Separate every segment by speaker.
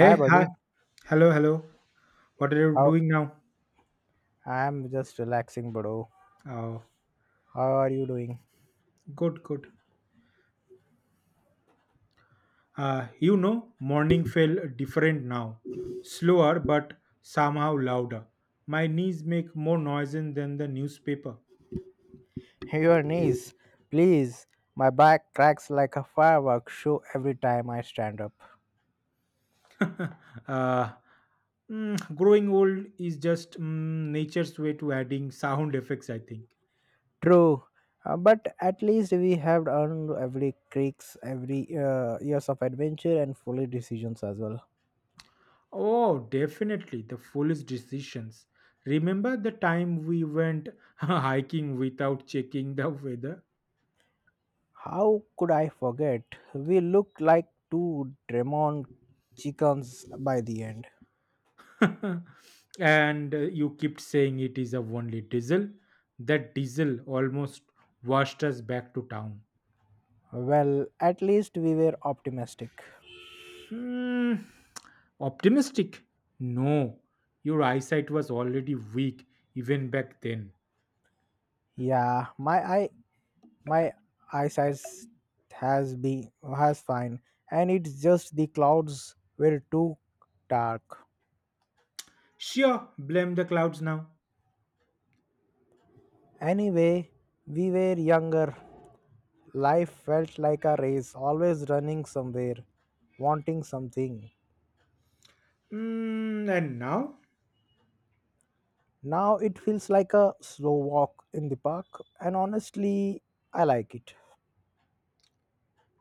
Speaker 1: Hi,
Speaker 2: hi.
Speaker 1: buddy.
Speaker 2: Hello, hello. What are you
Speaker 1: How?
Speaker 2: doing now?
Speaker 1: I'm just relaxing, bro.
Speaker 2: Oh,
Speaker 1: How are you doing?
Speaker 2: good, good. Morning felt different now. Slower, but somehow louder. My knees make more noise than the newspaper.
Speaker 1: Hey, your knees, please. My back cracks like a firework show every time I stand up.
Speaker 2: uh, growing old is just nature's way to adding sound effects, I think.
Speaker 1: True, but at least we have earned every creaks, every years of adventure and foolish decisions as well.
Speaker 2: Oh, definitely. The foolish decisions. Remember the time we went hiking without checking the weather?
Speaker 1: How could I forget? We look like two Dremon chickens by the end.
Speaker 2: and you kept saying it is a only diesel. That diesel almost washed us back to town.
Speaker 1: Well, at least we were optimistic.
Speaker 2: Hmm, optimistic? No, your eyesight was already weak even back then.
Speaker 1: Yeah, my eyesight has been has fine, and it's just the clouds were too dark.
Speaker 2: Sure, blame the clouds now.
Speaker 1: Anyway, we were younger, life felt like a race, always running somewhere, wanting something.
Speaker 2: Hmm, and now?
Speaker 1: Now it feels like a slow walk in the park, and honestly, I like it.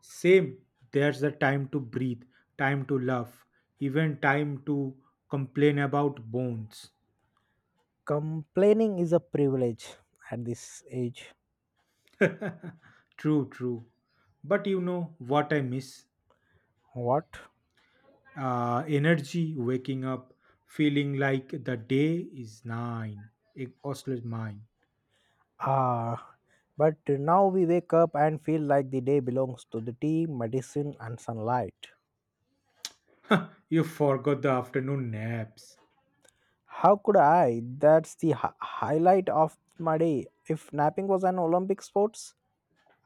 Speaker 2: Same, there's a time to breathe, time to laugh, even time to complain about bones.
Speaker 1: Complaining is a privilege at this age.
Speaker 2: True, true. But you know what I miss?
Speaker 1: What?
Speaker 2: Energy waking up feeling like the day is nine it oscillates mine.
Speaker 1: Ah, but now we wake up and feel like the day belongs to the tea, medicine, and sunlight.
Speaker 2: You forgot the afternoon naps.
Speaker 1: How could I? That's the highlight of my day. If napping was an Olympic sports,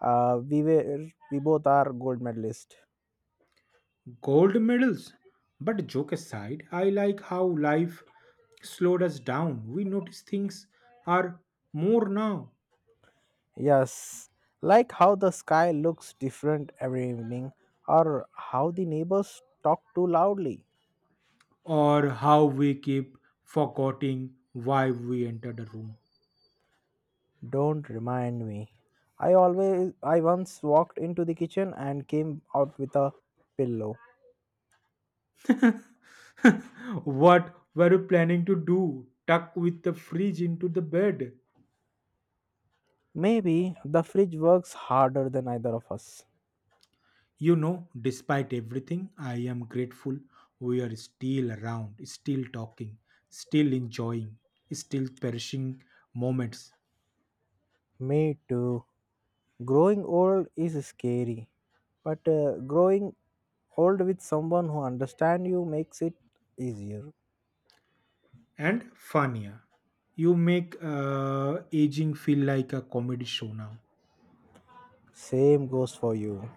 Speaker 1: we both are gold medalist.
Speaker 2: Gold medals, but joke aside I like how life slowed us down. We notice things are more now.
Speaker 1: Yes, like how the sky looks different every evening, or how the neighbors talk too loudly.
Speaker 2: Or how we keep forgetting why we entered a room.
Speaker 1: Don't remind me. I once walked into the kitchen and came out with a pillow.
Speaker 2: What were you planning to do, tuck with the fridge into the bed?
Speaker 1: Maybe the fridge works harder than either of us.
Speaker 2: You know, despite everything, I am grateful we are still around, still talking, still enjoying, still perishing moments.
Speaker 1: Me too. Growing old is scary, but growing old with someone who understands you makes it easier.
Speaker 2: And funnier, you make aging feel like a comedy show now.
Speaker 1: Same goes for you.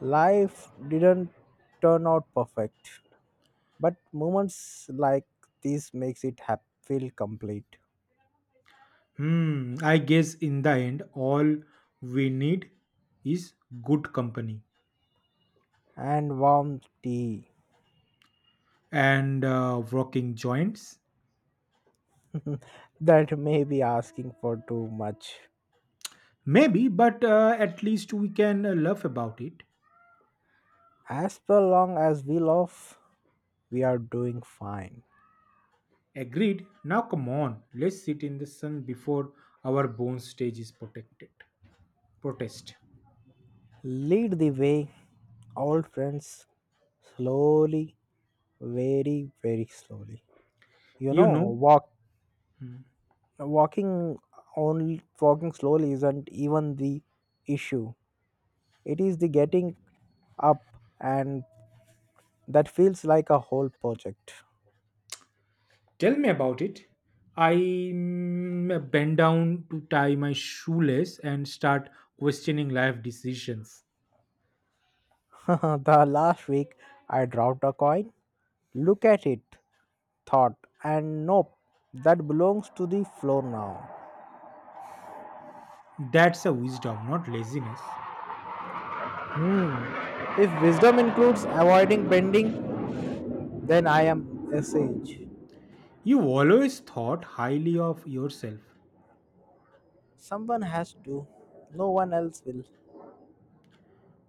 Speaker 1: Life didn't turn out perfect, but moments like this makes it feel complete.
Speaker 2: Hmm, I guess in the end, all we need is good company
Speaker 1: And warm tea
Speaker 2: and working joints.
Speaker 1: that may be asking for too much.
Speaker 2: Maybe, but at least we can laugh about it.
Speaker 1: As per long as we love, we are doing fine.
Speaker 2: Agreed. Now come on, let's sit in the sun before our bone stage is protected. Protest.
Speaker 1: Lead the way, old friends, slowly, very, very slowly. You
Speaker 2: You
Speaker 1: know,
Speaker 2: know,
Speaker 1: walk, walking only walking slowly isn't even the issue. It is the getting up, and that feels like a whole project.
Speaker 2: tell me about it. I bend down to tie my shoelace and start questioning life decisions.
Speaker 1: The last week I dropped a coin. Look at it, thought, and nope, that belongs to the floor now.
Speaker 2: That's a wisdom, not laziness.
Speaker 1: Hmm. If wisdom includes avoiding bending, then I am a sage.
Speaker 2: You always thought highly of yourself.
Speaker 1: Someone has to, no one else will.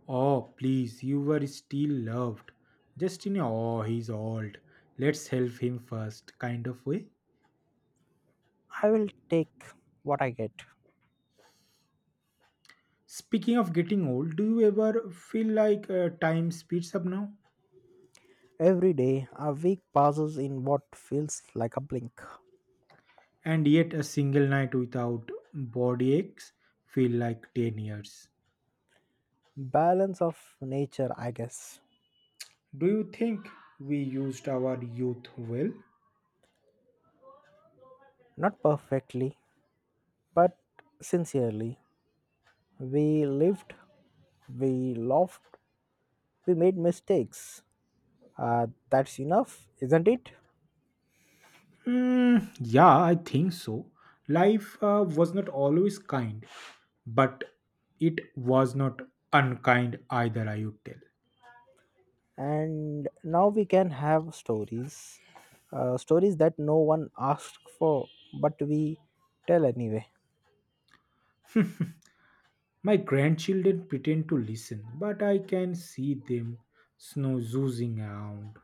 Speaker 2: Oh, please, you were still loved. Just in a, oh, he's old. Let's help him first kind of way.
Speaker 1: I will take what I get.
Speaker 2: Speaking of getting old, do you ever feel like time speeds up now?
Speaker 1: Every day, a week passes in what feels like a blink.
Speaker 2: And yet, a single night without body aches feel like 10 years.
Speaker 1: Balance of nature, I guess.
Speaker 2: Do you think we used our youth well?
Speaker 1: Not perfectly, but sincerely. We lived, we laughed, we made mistakes. That's enough, isn't it?
Speaker 2: Mm, yeah, I think so. Life was not always kind, but it was not unkind either, I would tell.
Speaker 1: And now we can have stories, stories that no one asked for, but we tell anyway.
Speaker 2: My grandchildren pretend to listen, but I can see them snoozing around.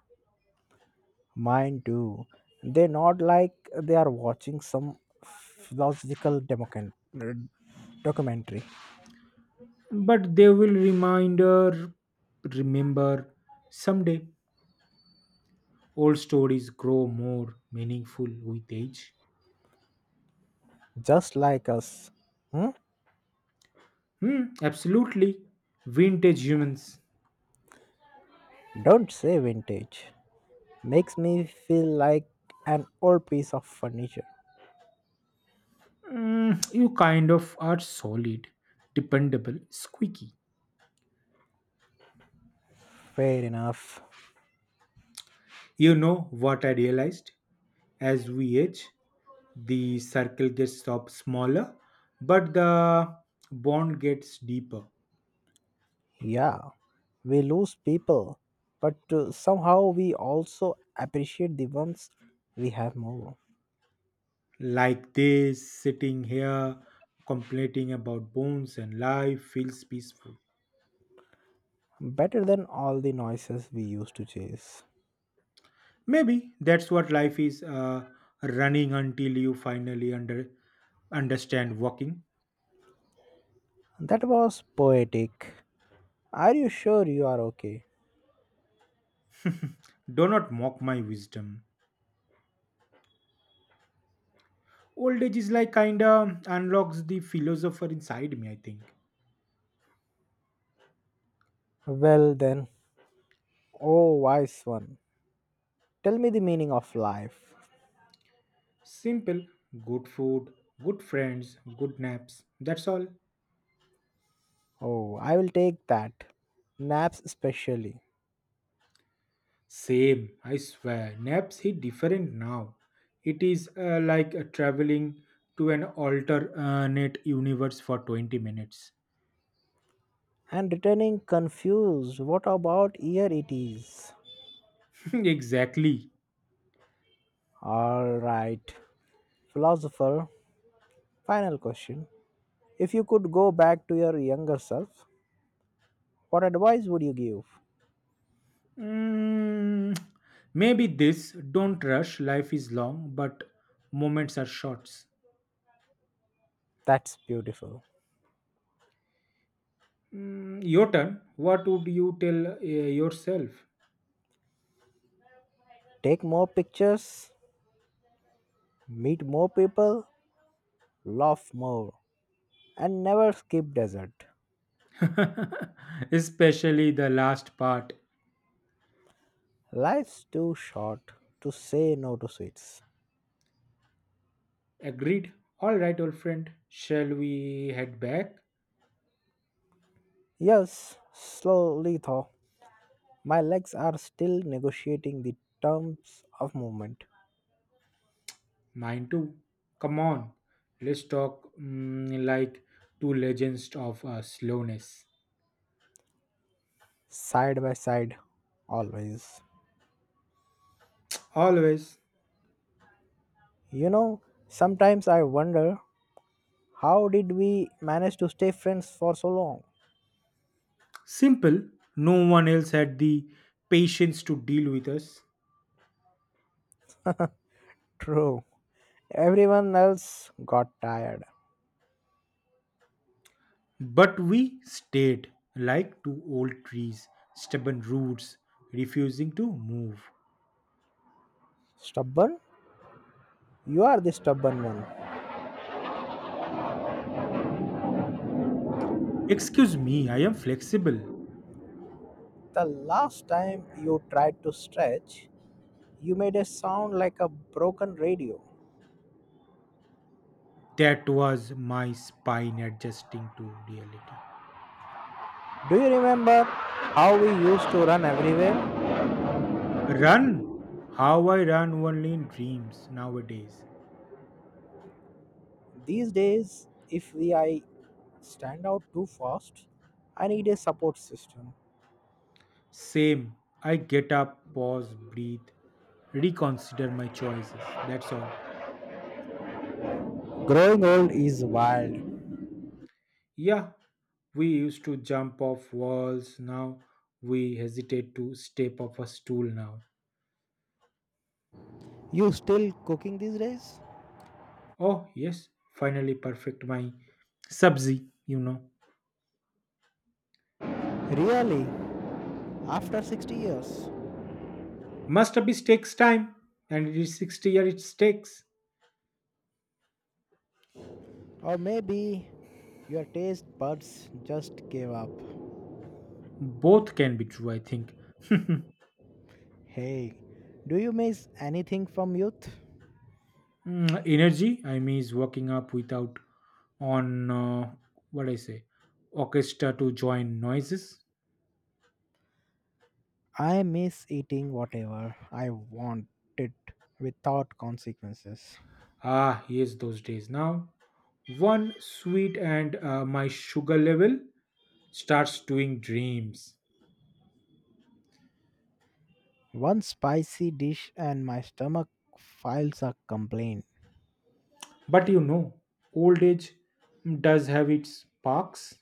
Speaker 1: Mine too. They're not like, they are watching some philosophical uh, documentary,
Speaker 2: But they will reminder remember someday. Old stories grow more meaningful with age.
Speaker 1: just like us, hmm?
Speaker 2: Hmm, absolutely vintage humans.
Speaker 1: Don't say vintage, makes me feel like an old piece of furniture.
Speaker 2: Mm, you kind of are solid, dependable, squeaky.
Speaker 1: Fair enough.
Speaker 2: You know what I realized, as we age the circle gets stop smaller, but the bond gets deeper.
Speaker 1: Yeah, we lose people, but somehow we also appreciate the ones we have more.
Speaker 2: Like this, sitting here complaining about bones and life feels peaceful.
Speaker 1: Better than all the noises we used to chase.
Speaker 2: Maybe that's what life is, running until you finally understand walking.
Speaker 1: That was poetic. Are you sure you are okay?
Speaker 2: Do not mock my wisdom. Old age is like kinda unlocks the philosopher inside me, I think.
Speaker 1: Well then, oh wise one, tell me the meaning of life.
Speaker 2: Simple, good food, good friends, good naps, that's all.
Speaker 1: Oh, I will take that. Naps especially.
Speaker 2: Same, I swear. Naps hit different now. It is like traveling to an alternate universe for 20 minutes.
Speaker 1: And returning confused, what about year it is?
Speaker 2: Exactly.
Speaker 1: Alright, philosopher, final question. If you could go back to your younger self, what advice would you give?
Speaker 2: Mm, maybe this. Don't rush. Life is long, but moments are short.
Speaker 1: That's beautiful.
Speaker 2: Mm, your turn. What would you tell yourself?
Speaker 1: Take more pictures, meet more people, laugh more, and never skip dessert.
Speaker 2: Especially the last part.
Speaker 1: Life's too short to say no to sweets.
Speaker 2: Agreed. All right, old friend. Shall we head back?
Speaker 1: Yes, slowly though. My legs are still negotiating the terms of movement,
Speaker 2: Mine too. Come on, let's talk like two legends of slowness.
Speaker 1: side by side, always.
Speaker 2: Always
Speaker 1: You know, sometimes I wonder, how did we manage to stay friends for so long?
Speaker 2: simple, no one else had the patience to deal with us.
Speaker 1: True. Everyone else got tired.
Speaker 2: But we stayed like two old trees, stubborn roots, refusing to move.
Speaker 1: Stubborn? You are the stubborn one.
Speaker 2: Excuse me, I am flexible.
Speaker 1: The last time you tried to stretch, you made a sound like a broken radio.
Speaker 2: That was my spine adjusting to reality.
Speaker 1: Do you remember how we used to run everywhere?
Speaker 2: Run! How I run only in dreams nowadays.
Speaker 1: These days, if we I stand out too fast, I need a support system.
Speaker 2: Same. I get up, pause, breathe, reconsider my choices. That's all.
Speaker 1: Growing old is wild.
Speaker 2: Yeah, we used to jump off walls. Now we hesitate to step off a stool now.
Speaker 1: You still cooking these days?
Speaker 2: Oh, yes, finally perfect my subzi, you know.
Speaker 1: Really? After 60 years?
Speaker 2: Masterpiece takes time, and it is 60 year it takes.
Speaker 1: Or maybe your taste buds just gave up.
Speaker 2: Both can be true, I think.
Speaker 1: Hey, do you miss anything from youth?
Speaker 2: Mm, energy, I mean, is working up without on what I say orchestra to join noises.
Speaker 1: I miss eating whatever I wanted without consequences.
Speaker 2: Ah, yes, those days. Now, one sweet and my sugar level starts doing dreams.
Speaker 1: One spicy dish and my stomach files a complaint.
Speaker 2: But you know, old age does have its parks.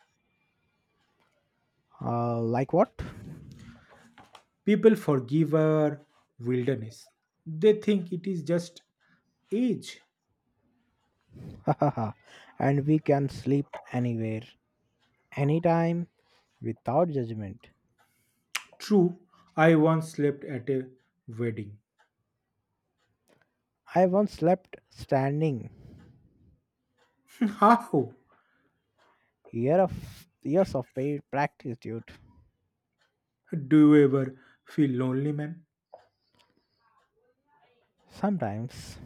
Speaker 1: Like what?
Speaker 2: People forgive our wilderness, they think it is just age.
Speaker 1: And we can sleep anywhere, anytime, without judgment.
Speaker 2: True, I once slept at a wedding.
Speaker 1: I once slept standing.
Speaker 2: How
Speaker 1: Year of years of paid practice, dude.
Speaker 2: do you ever feel lonely, man?
Speaker 1: Sometimes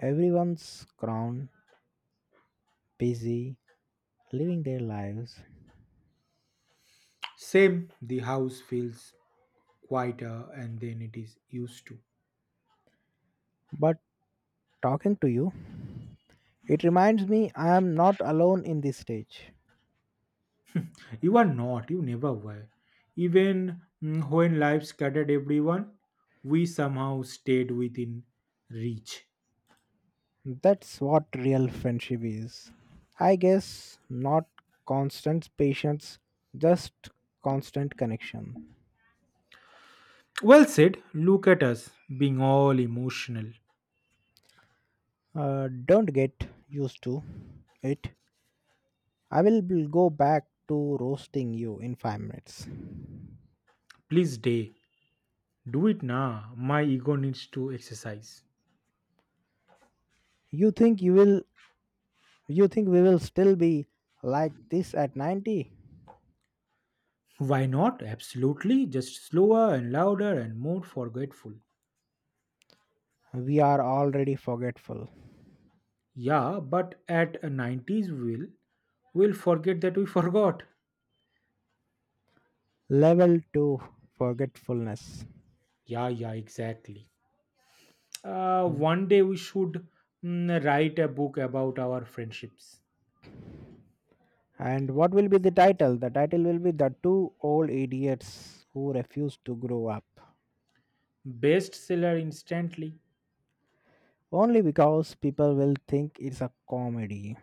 Speaker 1: everyone's crown busy living their lives,
Speaker 2: Same, the house feels quieter and then it is used to.
Speaker 1: but talking to you, it reminds me I am not alone in this stage.
Speaker 2: You are not, you never were. Even when life scattered everyone, we somehow stayed within reach.
Speaker 1: That's what real friendship is. I guess not constant patience, just constant connection.
Speaker 2: Well said, look at us being all emotional.
Speaker 1: Don't get used to it. I will go back to roasting you in 5 minutes.
Speaker 2: Please, day, do it now. My ego needs to exercise.
Speaker 1: You think you will? You think we will still be like this at 90?
Speaker 2: Why not? Absolutely, just slower and louder and more forgetful.
Speaker 1: We are already forgetful.
Speaker 2: Yeah, but at a 90s will forget that we forgot.
Speaker 1: Level 2 forgetfulness.
Speaker 2: Yeah, yeah, exactly. One day we should write a book about our friendships.
Speaker 1: And what will be the title? The title will be The Two Old Idiots Who Refuse to Grow Up.
Speaker 2: Bestseller instantly.
Speaker 1: Only because people will think it's a comedy.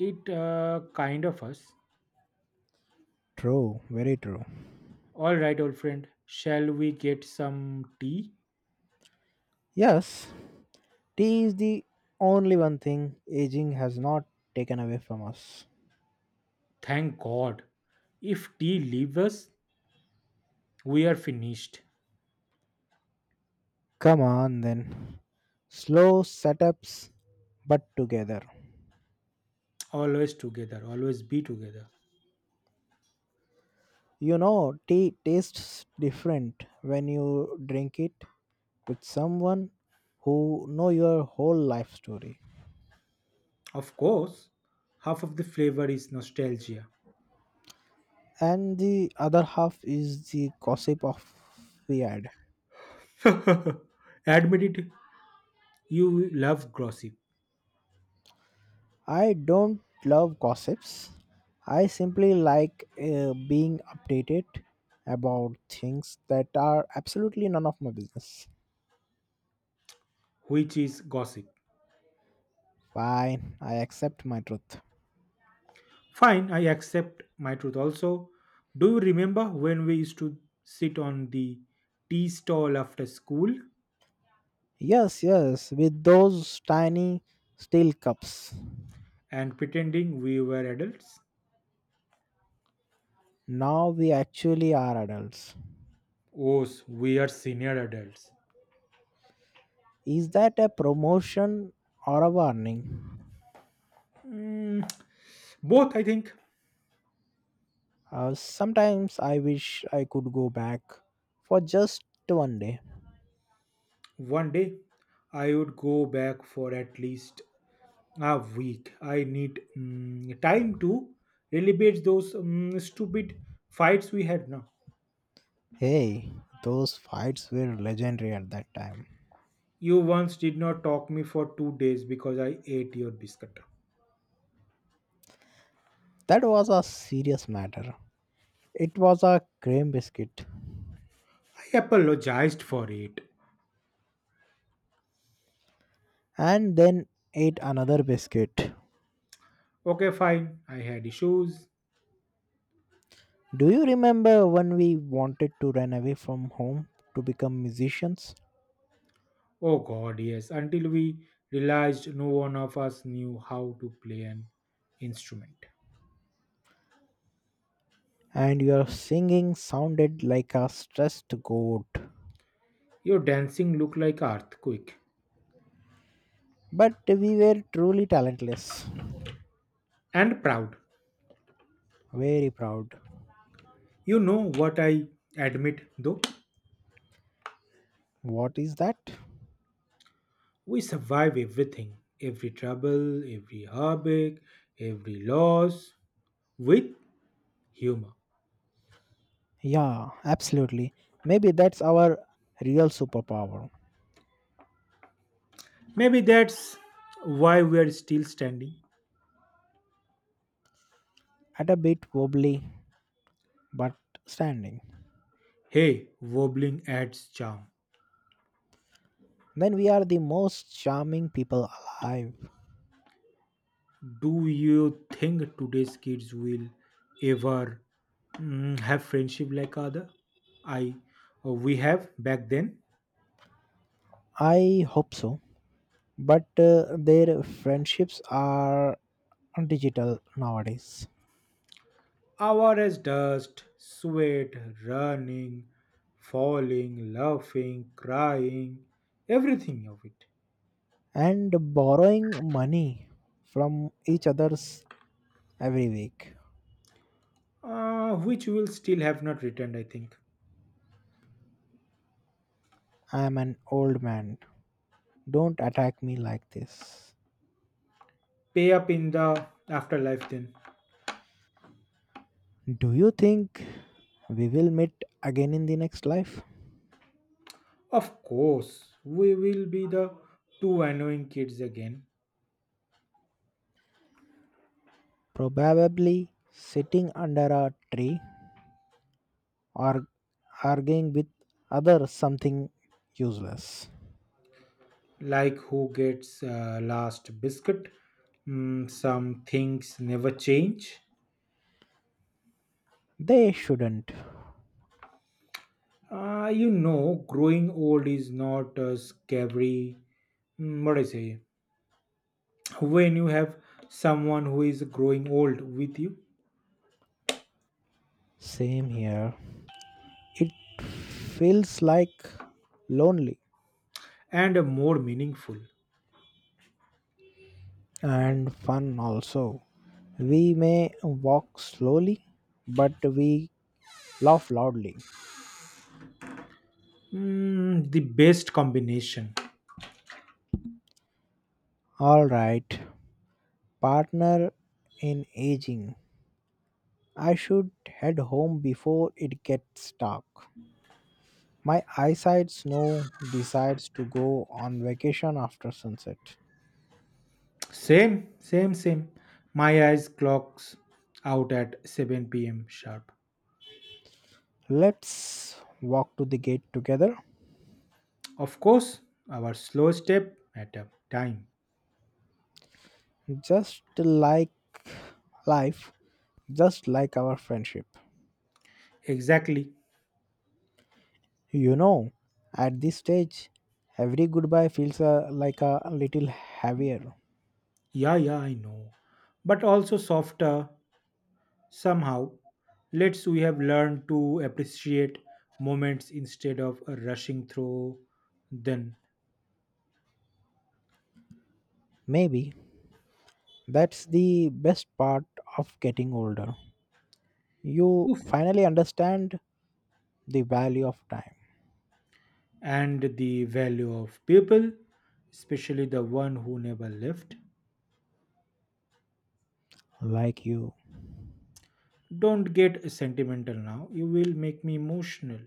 Speaker 2: It kind of us.
Speaker 1: True, very true.
Speaker 2: All right, old friend. Shall we get some tea?
Speaker 1: Yes, tea is the only one thing aging has not taken away from us.
Speaker 2: Thank God. If tea leaves us, we are finished.
Speaker 1: Come on then. Slow setups, but together.
Speaker 2: Always together. Always be together.
Speaker 1: You know, tea tastes different when you drink it with someone who know your whole life story.
Speaker 2: Of course, half of the flavor is nostalgia.
Speaker 1: And the other half is the gossip of the ad.
Speaker 2: Admit it. You love gossip,
Speaker 1: I don't love gossips. I simply like being updated about things that are absolutely none of my business.
Speaker 2: which is gossip.
Speaker 1: Fine, I accept my truth.
Speaker 2: Fine, I accept my truth. Also, do you remember when we used to sit on the tea stall after school
Speaker 1: Yes, yes, with those tiny steel cups.
Speaker 2: and pretending we were adults?
Speaker 1: Now we actually are adults.
Speaker 2: Oh, we are senior adults.
Speaker 1: Is that a promotion or a warning?
Speaker 2: Mm, both, I think.
Speaker 1: Sometimes I wish I could go back for just one day.
Speaker 2: One day, I would go back for at least a week. I need time to relive those stupid fights we had now.
Speaker 1: Hey, those fights were legendary at that time.
Speaker 2: You once did not talk me for two days because I ate your biscuit.
Speaker 1: That was a serious matter. It was a cream biscuit,
Speaker 2: He apologized for it.
Speaker 1: and then ate another biscuit.
Speaker 2: Okay, fine, I had issues.
Speaker 1: Do you remember when we wanted to run away from home to become musicians?
Speaker 2: Oh god, yes, until we realized no one of us knew how to play an instrument.
Speaker 1: And your singing sounded like a stressed goat.
Speaker 2: Your dancing looked like earthquake.
Speaker 1: But we were truly talentless.
Speaker 2: And proud.
Speaker 1: Very proud.
Speaker 2: You know what I admit though?
Speaker 1: What is that?
Speaker 2: We survive everything. Every trouble, every heartache, every loss with humor.
Speaker 1: Yeah, absolutely. Maybe that's our real superpower.
Speaker 2: Maybe that's why we are still standing.
Speaker 1: At a bit wobbly, but standing.
Speaker 2: Hey, wobbling adds charm.
Speaker 1: Then we are the most charming people alive.
Speaker 2: Do you think today's kids will ever have friendship like other? I we have back then.
Speaker 1: I hope so. But their friendships are digital nowadays.
Speaker 2: Our as dust, sweat, running, falling, laughing, crying, everything of it,
Speaker 1: And borrowing money from each other's every week.
Speaker 2: which will still have not returned. I think
Speaker 1: I am an old man. Don't attack me like this.
Speaker 2: pay up in the afterlife. Then,
Speaker 1: Do you think we will meet again in the next life?
Speaker 2: of course, we will be the two annoying kids again
Speaker 1: Probably sitting under a tree, or arguing with others something useless.
Speaker 2: like who gets last biscuit. Mm, some things never change.
Speaker 1: They shouldn't.
Speaker 2: You know, growing old is not scary. Mm, what I say? When you have someone who is growing old with you
Speaker 1: Same here. It feels like lonely
Speaker 2: and more meaningful.
Speaker 1: and fun also. We may walk slowly, but we laugh loudly.
Speaker 2: Mm, the best combination.
Speaker 1: All right, partner in aging. I should head home before it gets dark. My eyesight snow decides to go on vacation after sunset.
Speaker 2: Same, same, same. My eyes clocks out at 7 p.m. sharp.
Speaker 1: Let's walk to the gate together.
Speaker 2: Of course, our slow step at a time.
Speaker 1: Just like life, just like our friendship.
Speaker 2: Exactly.
Speaker 1: You know, at this stage, every goodbye feels like a little heavier.
Speaker 2: Yeah, yeah, I know. But also softer somehow. Let's we have learned to appreciate moments instead of rushing through them.
Speaker 1: Maybe that's the best part of getting older. You
Speaker 2: Oof.
Speaker 1: finally understand the value of time.
Speaker 2: And the value of people, especially the one who never left.
Speaker 1: Like you.
Speaker 2: Don't get sentimental now. You will make me emotional.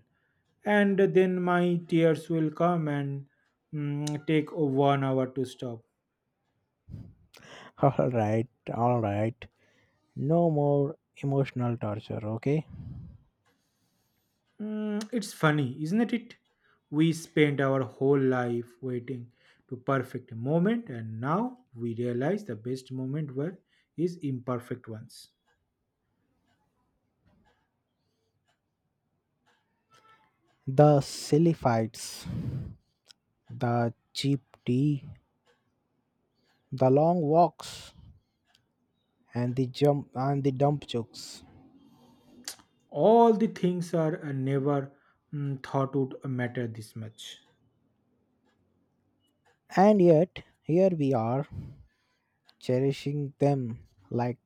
Speaker 2: And then my tears will come and take one hour to stop.
Speaker 1: All right, all right. No more emotional torture, okay?
Speaker 2: Mm, it's funny, isn't it? We spent our whole life waiting to perfect a moment, and now we realize the best moment were is imperfect ones.
Speaker 1: The silly fights, the cheap tea, the long walks, and the jump and the dump jokes.
Speaker 2: All the things are never thought would matter this much,
Speaker 1: And yet, here we are, cherishing them like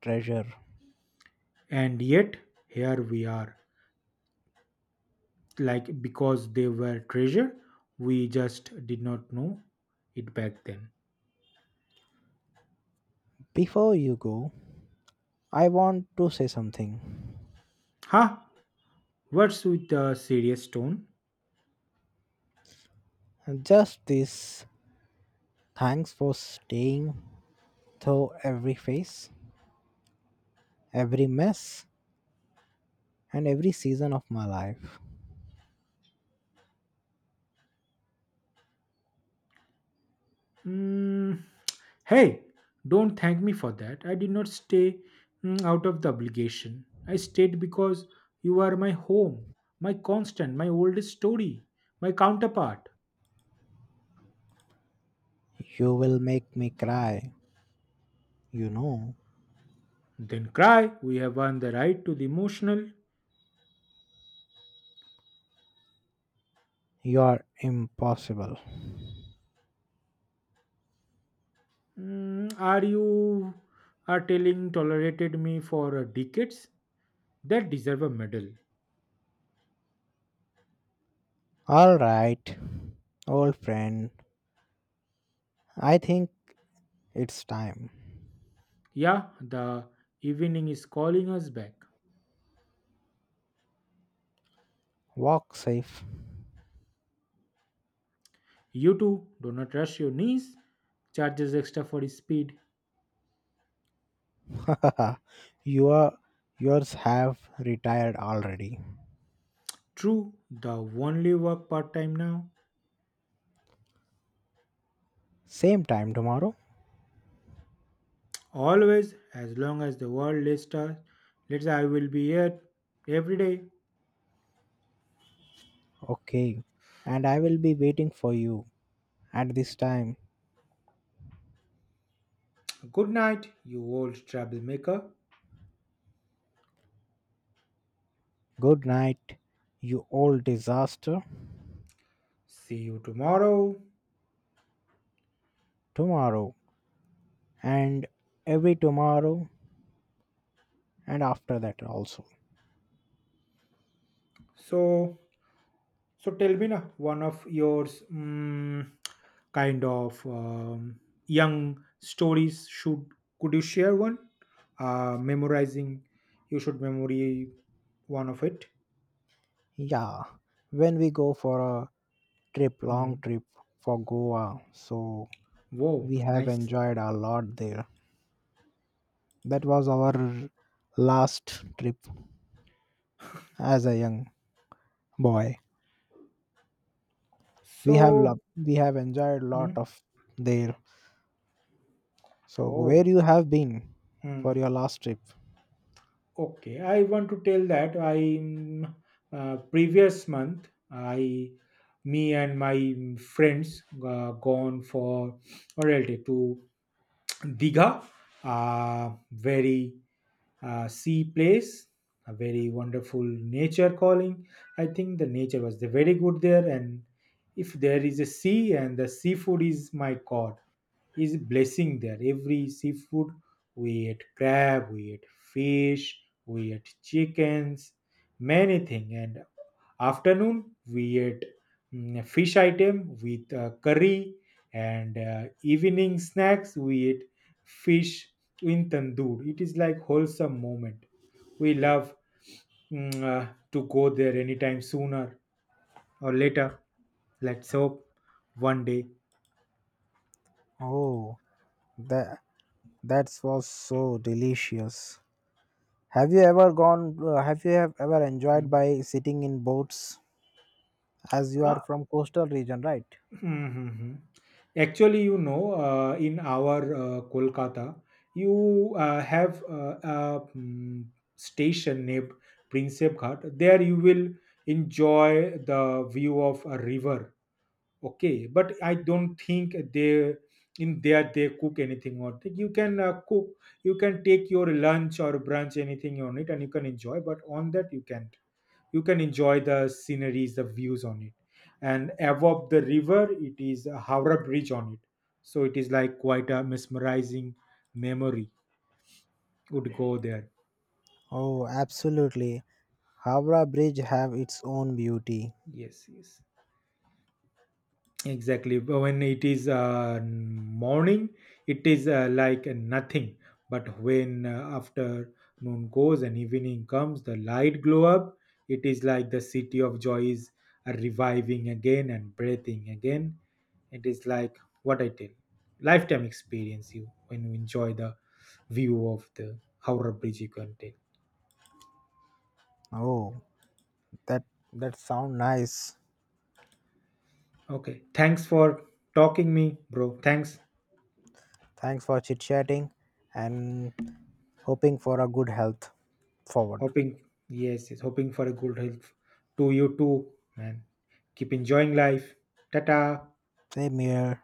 Speaker 1: treasure.
Speaker 2: and yet here we are. Like because they were treasure, we just did not know it back then.
Speaker 1: Before you go, I want to say something.
Speaker 2: Ha! What's with the serious tone?
Speaker 1: Just this, thanks for staying through every face, every mess, and every season of my life.
Speaker 2: Mm, hey, don't thank me for that. I did not stay out of the obligation. I stayed because you are my home, my constant, my oldest story, my counterpart.
Speaker 1: You will make me cry. You know,
Speaker 2: Then cry. We have won the right to the emotional.
Speaker 1: you are impossible.
Speaker 2: Mm, are you are telling tolerated me for decades? That deserve a medal.
Speaker 1: All right, old friend, I think it's time.
Speaker 2: Yeah, the evening is calling us back.
Speaker 1: Walk safe.
Speaker 2: You too. Do not rush your knees. Charges extra for his speed.
Speaker 1: your yours have retired already.
Speaker 2: True, the only work part time now.
Speaker 1: Same time tomorrow?
Speaker 2: Always, as long as the world lets I will be here every day.
Speaker 1: Okay. And I will be waiting for you at this time.
Speaker 2: Good night, you old troublemaker.
Speaker 1: Good night, you old disaster.
Speaker 2: See you tomorrow.
Speaker 1: Tomorrow and every tomorrow and after that also.
Speaker 2: So, so tell me now, one of yours kind of young stories should could you share one? Memorizing, you should memory one of it.
Speaker 1: Yeah, when we go for a trip long
Speaker 2: Mm.
Speaker 1: trip for goa, so
Speaker 2: Whoa,
Speaker 1: we have
Speaker 2: nice.
Speaker 1: enjoyed a lot there. That was our last trip as a young boy. We have
Speaker 2: So.
Speaker 1: loved, we have enjoyed a lot
Speaker 2: Hmm.
Speaker 1: of there. So where
Speaker 2: Oh,
Speaker 1: you have been for
Speaker 2: hmm.
Speaker 1: your last trip?
Speaker 2: Okay. I want to tell that I mm, previous month I me and my friends gone for Oral Day to Diga, a very sea place, a very wonderful nature calling. I think the nature was the very good there, and if there is a sea and the seafood is my god, is blessing there. Every seafood we ate crab, we ate fish, we ate chickens, many thing. And afternoon we ate fish item with curry and evening snacks we ate fish in tandoor. It is like wholesome moment. We love to go there anytime sooner or later. Let's hope one day.
Speaker 1: Oh, that that was so delicious. Have you ever gone have ever enjoyed
Speaker 2: Mm.
Speaker 1: by sitting in boats, as you are
Speaker 2: Ah,
Speaker 1: from coastal region, right?
Speaker 2: mhm. Actually, you know, in our Kolkata, you have a station named Prinsep Ghat. There you will enjoy the view of a river. Okay, but I don't think they in there they cook anything on it. You can cook, you can take your lunch or brunch anything on it and you can enjoy, but on that you can't. You can enjoy the sceneries, the views on it, and above the river it is a Howrah Bridge on it. So it is like quite a mesmerizing memory would go there.
Speaker 1: Oh, absolutely. Howrah Bridge have its own beauty.
Speaker 2: Yes, yes, exactly. But when it is morning, it is like nothing. But when afternoon goes and evening comes, the light glow up. It is like the city of joy is reviving again and breathing again. It is like what I tell, lifetime experience. You when you enjoy the view of the Howrah Bridge, you can take.
Speaker 1: Oh, that that sound nice.
Speaker 2: Okay. Thanks for talking me, bro. Thanks.
Speaker 1: Thanks for chit chatting and hoping for a good health forward.
Speaker 2: Hoping, yes, yes, hoping for a good health to you too, man. Keep enjoying life. Tata.
Speaker 1: Same here.